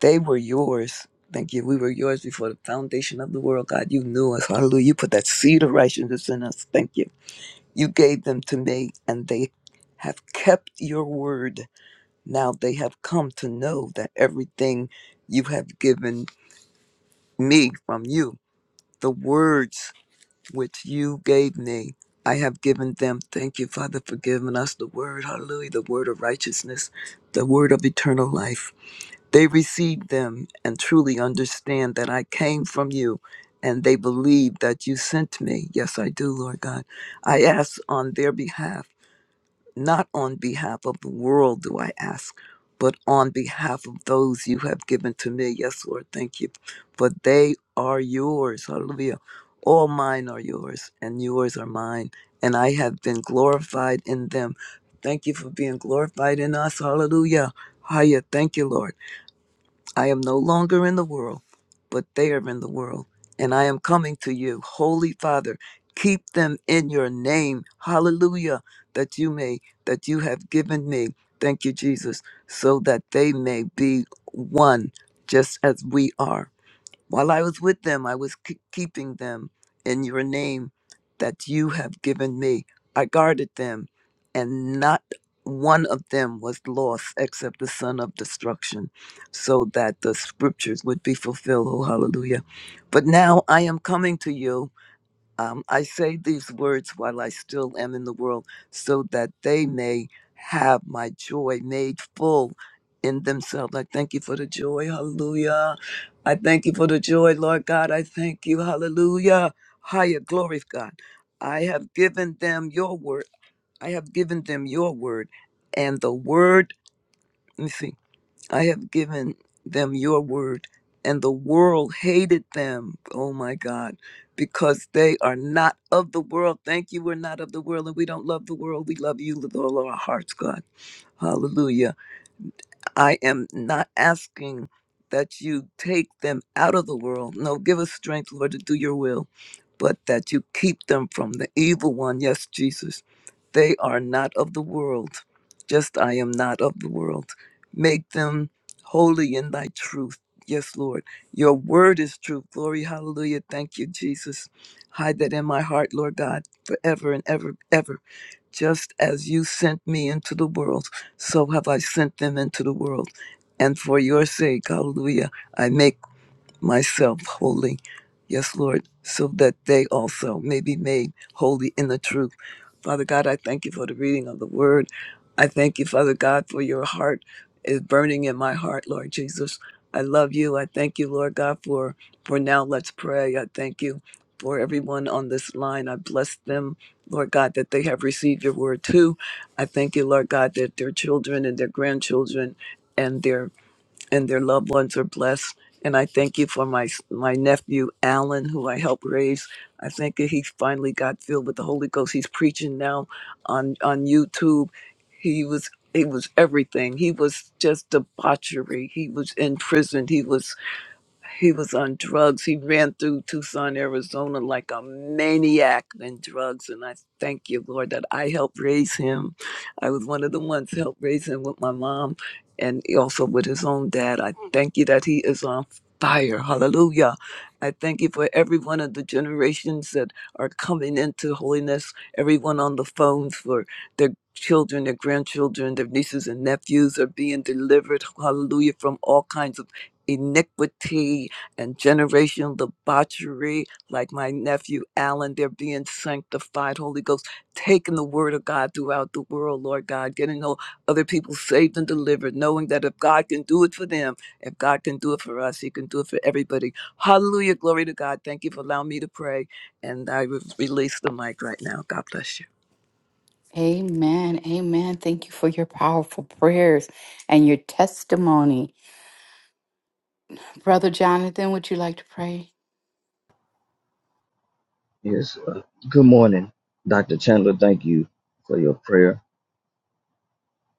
Speaker 5: They were yours. Thank you. We were yours before the foundation of the world, God. You knew us. Hallelujah. You put that seed of righteousness in us. Thank you. You gave them to me, and they have kept your word. Now they have come to know that everything you have given me from you, the words which you gave me, I have given them. Thank you, Father, for giving us the word. Hallelujah. The word of righteousness, the word of eternal life. They receive them and truly understand that I came from you and they believe that you sent me. Yes, I do, Lord God. I ask on their behalf, not on behalf of the world, do I ask, but on behalf of those you have given to me. Yes, Lord, thank you. For they are yours. Hallelujah. All mine are yours, and yours are mine. And I have been glorified in them. Thank you for being glorified in us. Hallelujah. Hallelujah. Thank you, Lord. I am no longer in the world, but they are in the world, and I am coming to you. Holy Father, keep them in your name. Hallelujah, that you may, that you have given me. Thank you, Jesus, so that they may be one, just as we are. While I was with them, I was k- keeping them in your name that you have given me. I guarded them, and not one of them was lost except the son of destruction, so that the scriptures would be fulfilled. Oh, hallelujah. But now I am coming to you. Um, I say these words while I still am in the world, so that they may have my joy made full in themselves. I thank you for the joy. Hallelujah. I thank you for the joy, Lord God. I thank you. Hallelujah. Higher glory, God. I have given them your word. I have given them your word. And the word, let me see. I have given them your word, and the world hated them. Oh my God, because they are not of the world. Thank you, we're not of the world, and we don't love the world. We love you with all our hearts, God. Hallelujah. I am not asking that you take them out of the world. No, give us strength, Lord, to do your will, but that you keep them from the evil one. Yes, Jesus. They are not of the world, just I am not of the world. Make them holy in thy truth. Yes, Lord. Your word is truth. Glory, hallelujah. Thank you, Jesus. Hide that in my heart, Lord God, forever and ever, ever. Just as you sent me into the world, so have I sent them into the world. And for your sake, hallelujah, I make myself holy. Yes, Lord, so that they also may be made holy in the truth. Father God, I thank you for the reading of the word. I thank you, Father God, for your heart is burning in my heart, Lord Jesus. I love you. I thank you, Lord God, for for now let's pray. I thank you for everyone on this line. I bless them, Lord God, that they have received your word too. I thank you, Lord God, that their children and their grandchildren and their and their loved ones are blessed. And I thank you for my my nephew Alan, who I helped raise. I think that he finally got filled with the Holy Ghost. He's preaching now on on YouTube. He was he was everything. He was just debauchery. He was in prison. He was he was on drugs. He ran through Tucson, Arizona like a maniac in drugs. And I thank you, Lord, that I helped raise him. I was one of the ones who helped raise him with my mom and also with his own dad. I thank you that he is on fire. Hallelujah. I thank you for every one of the generations that are coming into holiness, everyone on the phones for their children, their grandchildren, their nieces and nephews are being delivered, hallelujah, from all kinds of iniquity and generational debauchery, like my nephew Alan, they're being sanctified, Holy Ghost, taking the word of God throughout the world, Lord God, getting all other people saved and delivered, knowing that if God can do it for them, if God can do it for us, He can do it for everybody. Hallelujah. Glory to God. Thank you for allowing me to pray. And I re- release the mic right now. God bless you.
Speaker 1: Amen. Amen. Thank you for your powerful prayers and your testimony. Brother Jonathan, would you like to pray?
Speaker 6: Yes. uh, Good morning, Dr. Chandler. Thank you for your prayer.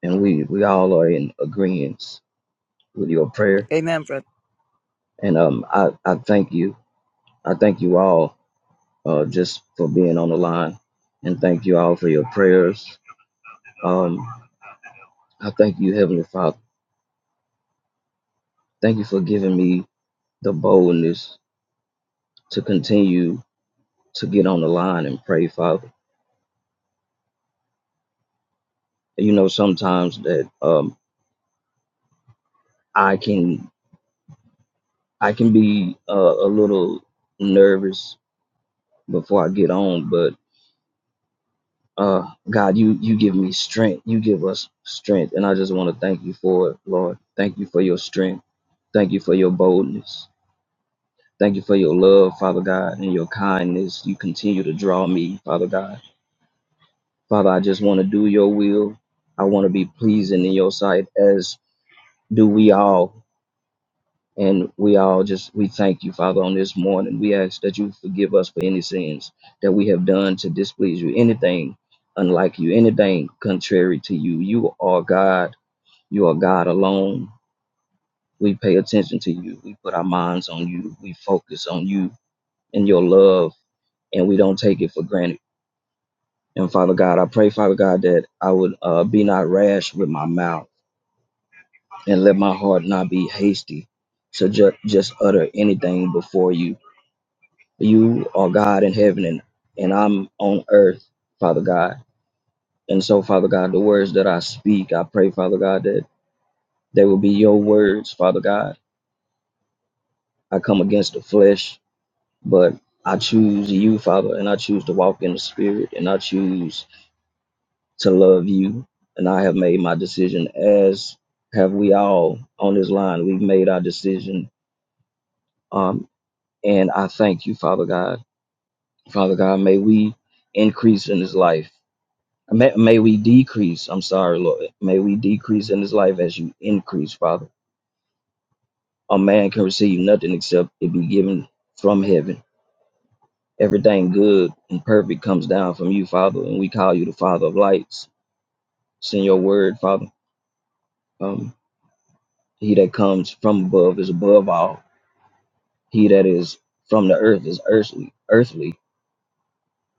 Speaker 6: And we, we all are in agreement with your prayer.
Speaker 5: Amen, brother.
Speaker 6: And um, I, I thank you. I thank you all uh, just for being on the line. And thank you all for your prayers. Um, I thank you, Heavenly Father. Thank you for giving me the boldness to continue to get on the line and pray, Father. You know, sometimes that um, I can I can be uh, a little nervous before I get on, but uh God, you you give me strength. You give us strength, and I just want to thank you for it, Lord. Thank you for your strength. Thank you for your boldness. Thank you for your love, Father God, and your kindness. You continue to draw me, Father God. Father, I just want to do your will. I want to be pleasing in your sight as do we all And we all just, we thank you, Father, on this morning. We ask that you forgive us for any sins that we have done to displease you, anything unlike you, anything contrary to you. You are God. You are God alone. We pay attention to you. We put our minds on you. We focus on you and your love, and we don't take it for granted. And Father God, I pray, Father God, that I would uh, be not rash with my mouth and let my heart not be hasty to ju- just utter anything before you you are God in heaven and, and I'm on earth, Father God. And so, Father God, the words that I speak, I pray, Father God, that they will be your words, Father God. I come against the flesh, but I choose you, Father, and I choose to walk in the spirit, and I choose to love you. And I have made my decision, as have we all on this line. We've made our decision. Um, and I thank you, Father God. Father God, may we increase in this life. May, may we decrease. I'm sorry, Lord. May we decrease in this life as you increase, Father. A man can receive nothing except it be given from heaven. Everything good and perfect comes down from you, Father, and we call you the Father of lights. Send your word, Father. Um, he that comes from above is above all. He that is from the earth is earthly, earthly,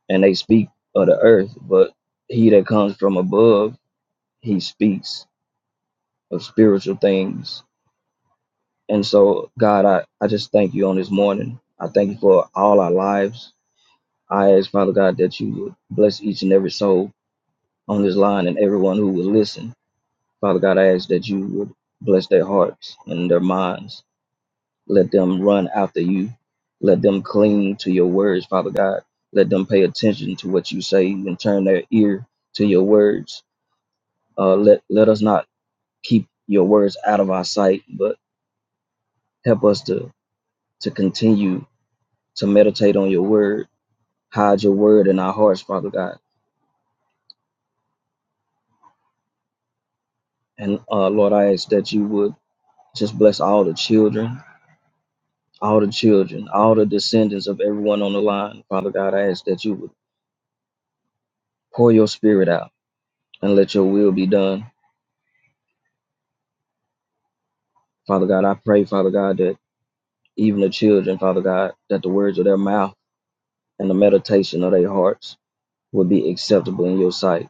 Speaker 6: and they speak of the earth, but he that comes from above, he speaks of spiritual things And so, God, I, I just thank you on this morning. I thank you for all our lives. I ask, Father God, that you would bless each and every soul on this line and everyone who will listen. Father God, I ask that you would bless their hearts and their minds. Let them run after you. Let them cling to your words, Father God. Let them pay attention to what you say and turn their ear to your words. Uh, let let us not keep your words out of our sight, but help us to to continue to meditate on your word. Hide your word in our hearts, Father God. And uh, Lord, I ask that you would just bless all the children, all the children, all the descendants of everyone on the line. Father God, I ask that you would pour your spirit out and let your will be done. Father God, I pray, Father God, that even the children, Father God, that the words of their mouth and the meditation of their hearts would be acceptable in your sight.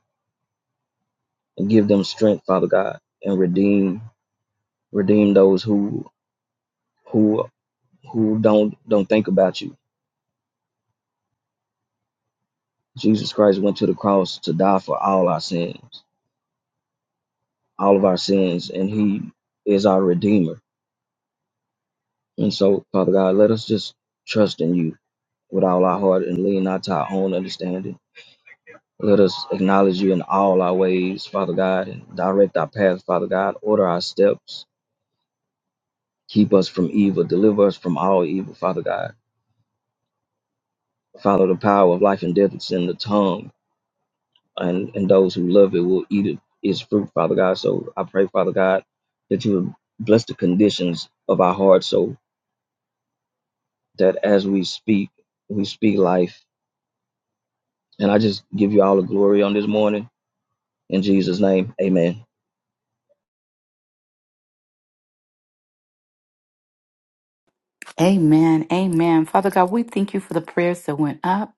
Speaker 6: And give them strength, Father God, and redeem redeem those who who who don't don't think about you. Jesus Christ went to the cross to die for all our sins, all of our sins, and He is our Redeemer. And so, Father God, let us just trust in You with all our heart and lean not to our own understanding. Let us acknowledge You in all our ways, Father God, and direct our path, Father God. Order our steps. Keep us from evil. Deliver us from all evil, Father God. Follow the power of life and death that's in the tongue. and, and those who love it will eat of its fruit, Father God. So I pray, Father God, that you would bless the conditions of our hearts so that as we speak, we speak life. And I just give you all the glory on this morning. In Jesus' name, amen.
Speaker 1: Amen. Amen. Father God, we thank you for the prayers that went up.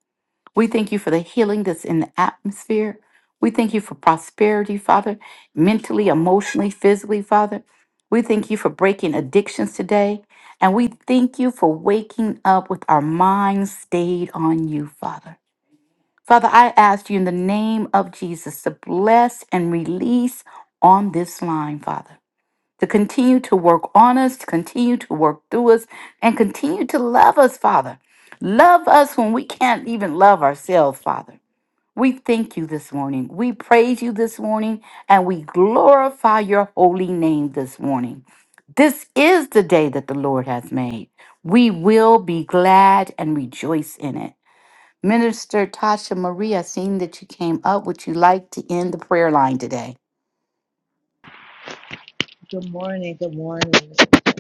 Speaker 1: We thank you for the healing that's in the atmosphere. We thank you for prosperity, Father, mentally, emotionally, physically, Father. We thank you for breaking addictions today. And we thank you for waking up with our minds stayed on you, Father. Father, I ask you in the name of Jesus to bless and release on this line, Father, to continue to work on us, to continue to work through us, and continue to love us, Father. Love us when we can't even love ourselves, Father. We thank you this morning. We praise you this morning, and we glorify your holy name this morning. This is the day that the Lord has made. We will be glad and rejoice in it. Minister Tasha Maria, seeing that you came up, would you like to end the prayer line today?
Speaker 7: Good morning. Good morning. i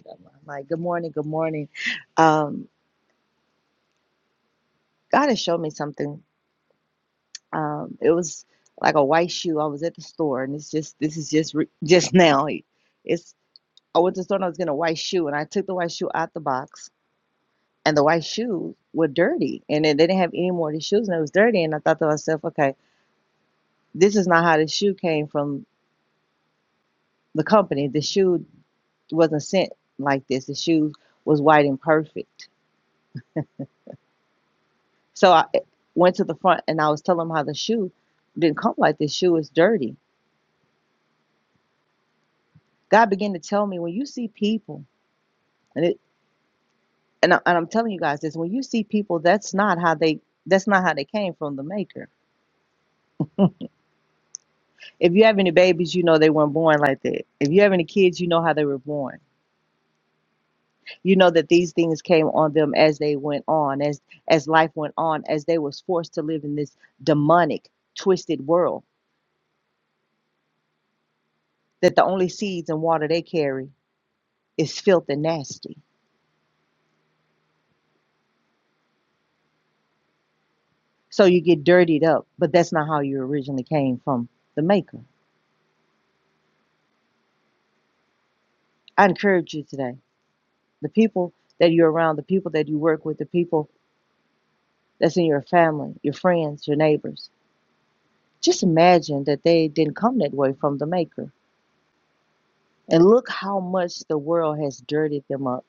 Speaker 7: like, good morning. Good morning. Um, God has shown me something. Um, it was like a white shoe. I was at the store, and it's just this is just re- just now. It's I went to the store and I was getting a white shoe, and I took the white shoe out the box, and the white shoes were dirty, and then they didn't have any more of the shoes, and it was dirty. And I thought to myself, okay, this is not how the shoe came from the company. The shoe wasn't sent like this. The shoe was white and perfect So I went to the front and I was telling him how the shoe didn't come like this. Shoe is dirty. God began to tell me when you see people, and it, and, I, and I'm telling you guys this: when you see people, that's not how they that's not how they came from the maker. If you have any babies, you know they weren't born like that. If you have any kids, you know how they were born. You know that these things came on them as they went on, as as life went on, as they was forced to live in this demonic, twisted world. That the only seeds and water they carry is filth and nasty So you get dirtied up, but that's not how you originally came from the maker. I encourage you today. The people that you're around, the people that you work with, the people that's in your family, your friends, your neighbors. Just imagine that they didn't come that way from the maker. And look how much the world has dirtied them up.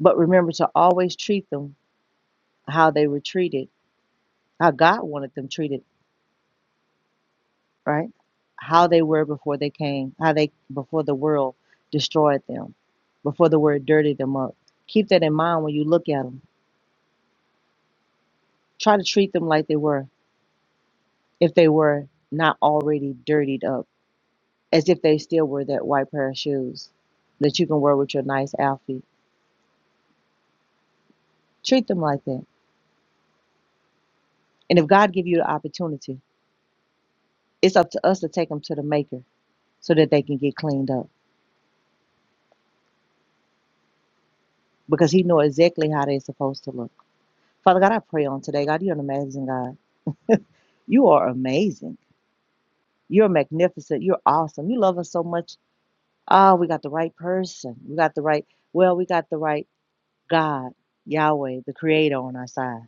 Speaker 7: But remember to always treat them how they were treated, how God wanted them treated right? How they were before they came, how they before the world destroyed them, before the word dirtied them up. Keep that in mind when you look at them. Try to treat them like they were, if they were not already dirtied up, as if they still were that white pair of shoes that you can wear with your nice outfit. Treat them like that. And if God give you the opportunity, it's up to us to take them to the maker so that they can get cleaned up because he know exactly how they're supposed to look. Father God, I pray on today. God, you're an amazing God. You are amazing. You're magnificent. You're awesome. You love us so much. Ah, we got the right person. We got the right, well, we got the right God, Yahweh, the Creator on our side.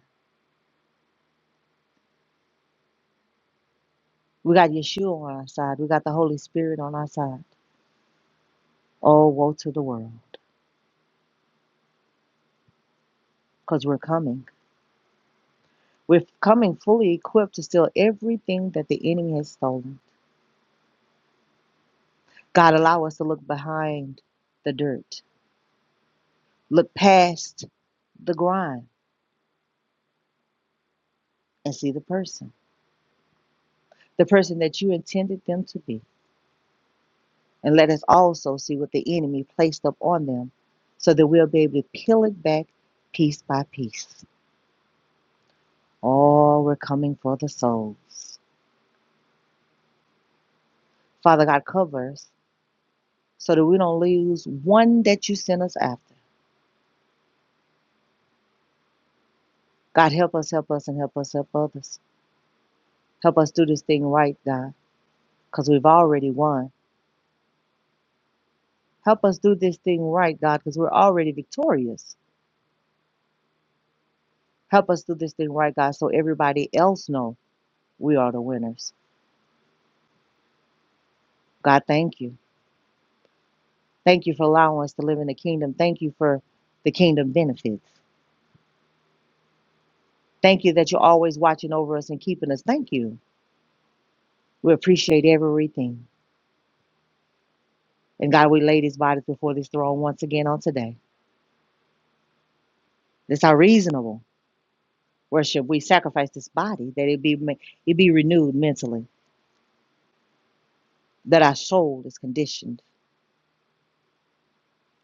Speaker 7: We got Yeshua on our side. We got the Holy Spirit on our side. Oh, woe to the world, because we're coming. We're coming fully equipped to steal everything that the enemy has stolen. God, allow us to look behind the dirt, look past the grind, and see the person, the person that you intended them to be And let us also see what the enemy placed up on them so that we'll be able to peel it back piece by piece. Oh, we're coming for the souls. Father God, cover us so that we don't lose one that you sent us after. God, help us, help us, and help us help others. Help us do this thing right, God, because we've already won. Help us do this thing right, God, because we're already victorious. Help us do this thing right, God, so everybody else know we are the winners. God, thank you. Thank you for allowing us to live in the kingdom. Thank you for the kingdom benefits. Thank you that you're always watching over us and keeping us. Thank you. We appreciate everything. And God, we lay these bodies before this throne once again on today. This our reasonable worship. We sacrifice this body that it be ma- it be renewed mentally, that our soul is conditioned,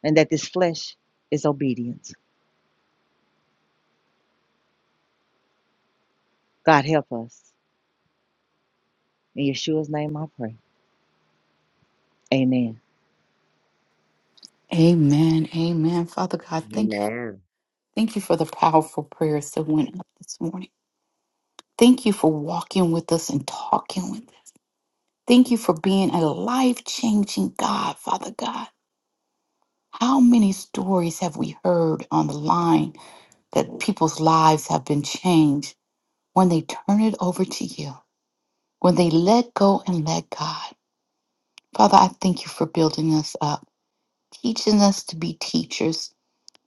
Speaker 7: and that this flesh is obedience. God help us. In Yeshua's name I pray. Amen.
Speaker 1: Amen. Amen. Father God, thank you. Thank you for the powerful prayers that went up this morning. Thank you for walking with us and talking with us. Thank you for being a life changing God, Father God. How many stories have we heard on the line that people's lives have been changed when they turn it over to you, when they let go and let God? Father, I thank you for building us up. teaching us to be teachers,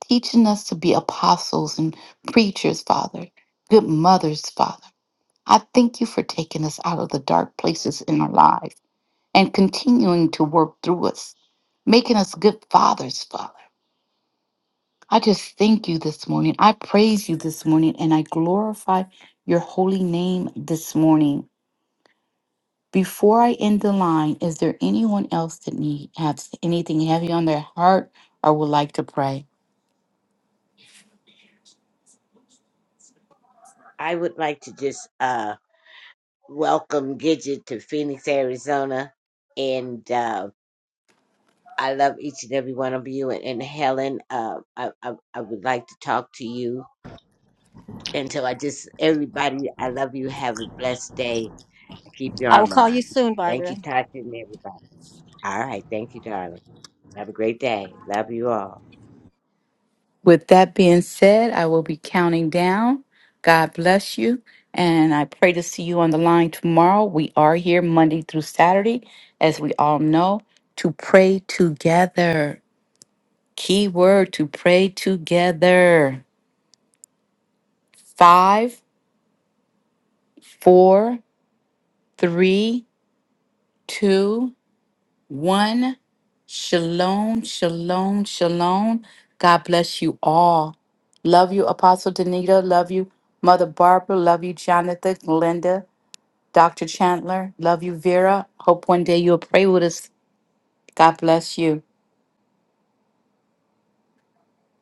Speaker 1: teaching us to be apostles and preachers, Father, good mothers, Father. I thank you for taking us out of the dark places in our lives and continuing to work through us, making us good fathers, Father. I just thank you this morning. I praise you this morning and I glorify your holy name this morning. Before I end the line, is there anyone else that need, has anything heavy on their heart or would like to pray?
Speaker 2: I would like to just uh, welcome Gidget to Phoenix, Arizona. And uh, I love each and every one of you. And, and Helen, uh, I, I, I would like to talk to you And so I just, everybody, I love you. Have a blessed day. Keep your arm on. Thank you, Tasha and everybody. All right. Thank you, darling. Have a great day. Love you all.
Speaker 1: With that being said, I will be counting down. God bless you. And I pray to see you on the line tomorrow. We are here Monday through Saturday, as we all know, to pray together. Key word to pray together. Five, four, three, two, one. Shalom, shalom, shalom. God bless you all. Love you, Apostle Danita. Love you, Mother Barbara. Love you, Jonathan, Linda, Dr. Chandler. Love you, Vera. Hope one day you'll pray with us. God bless you.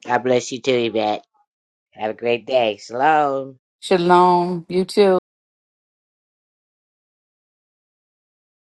Speaker 2: God bless you too, Yvette. Have a great day. Shalom.
Speaker 1: Shalom. You too.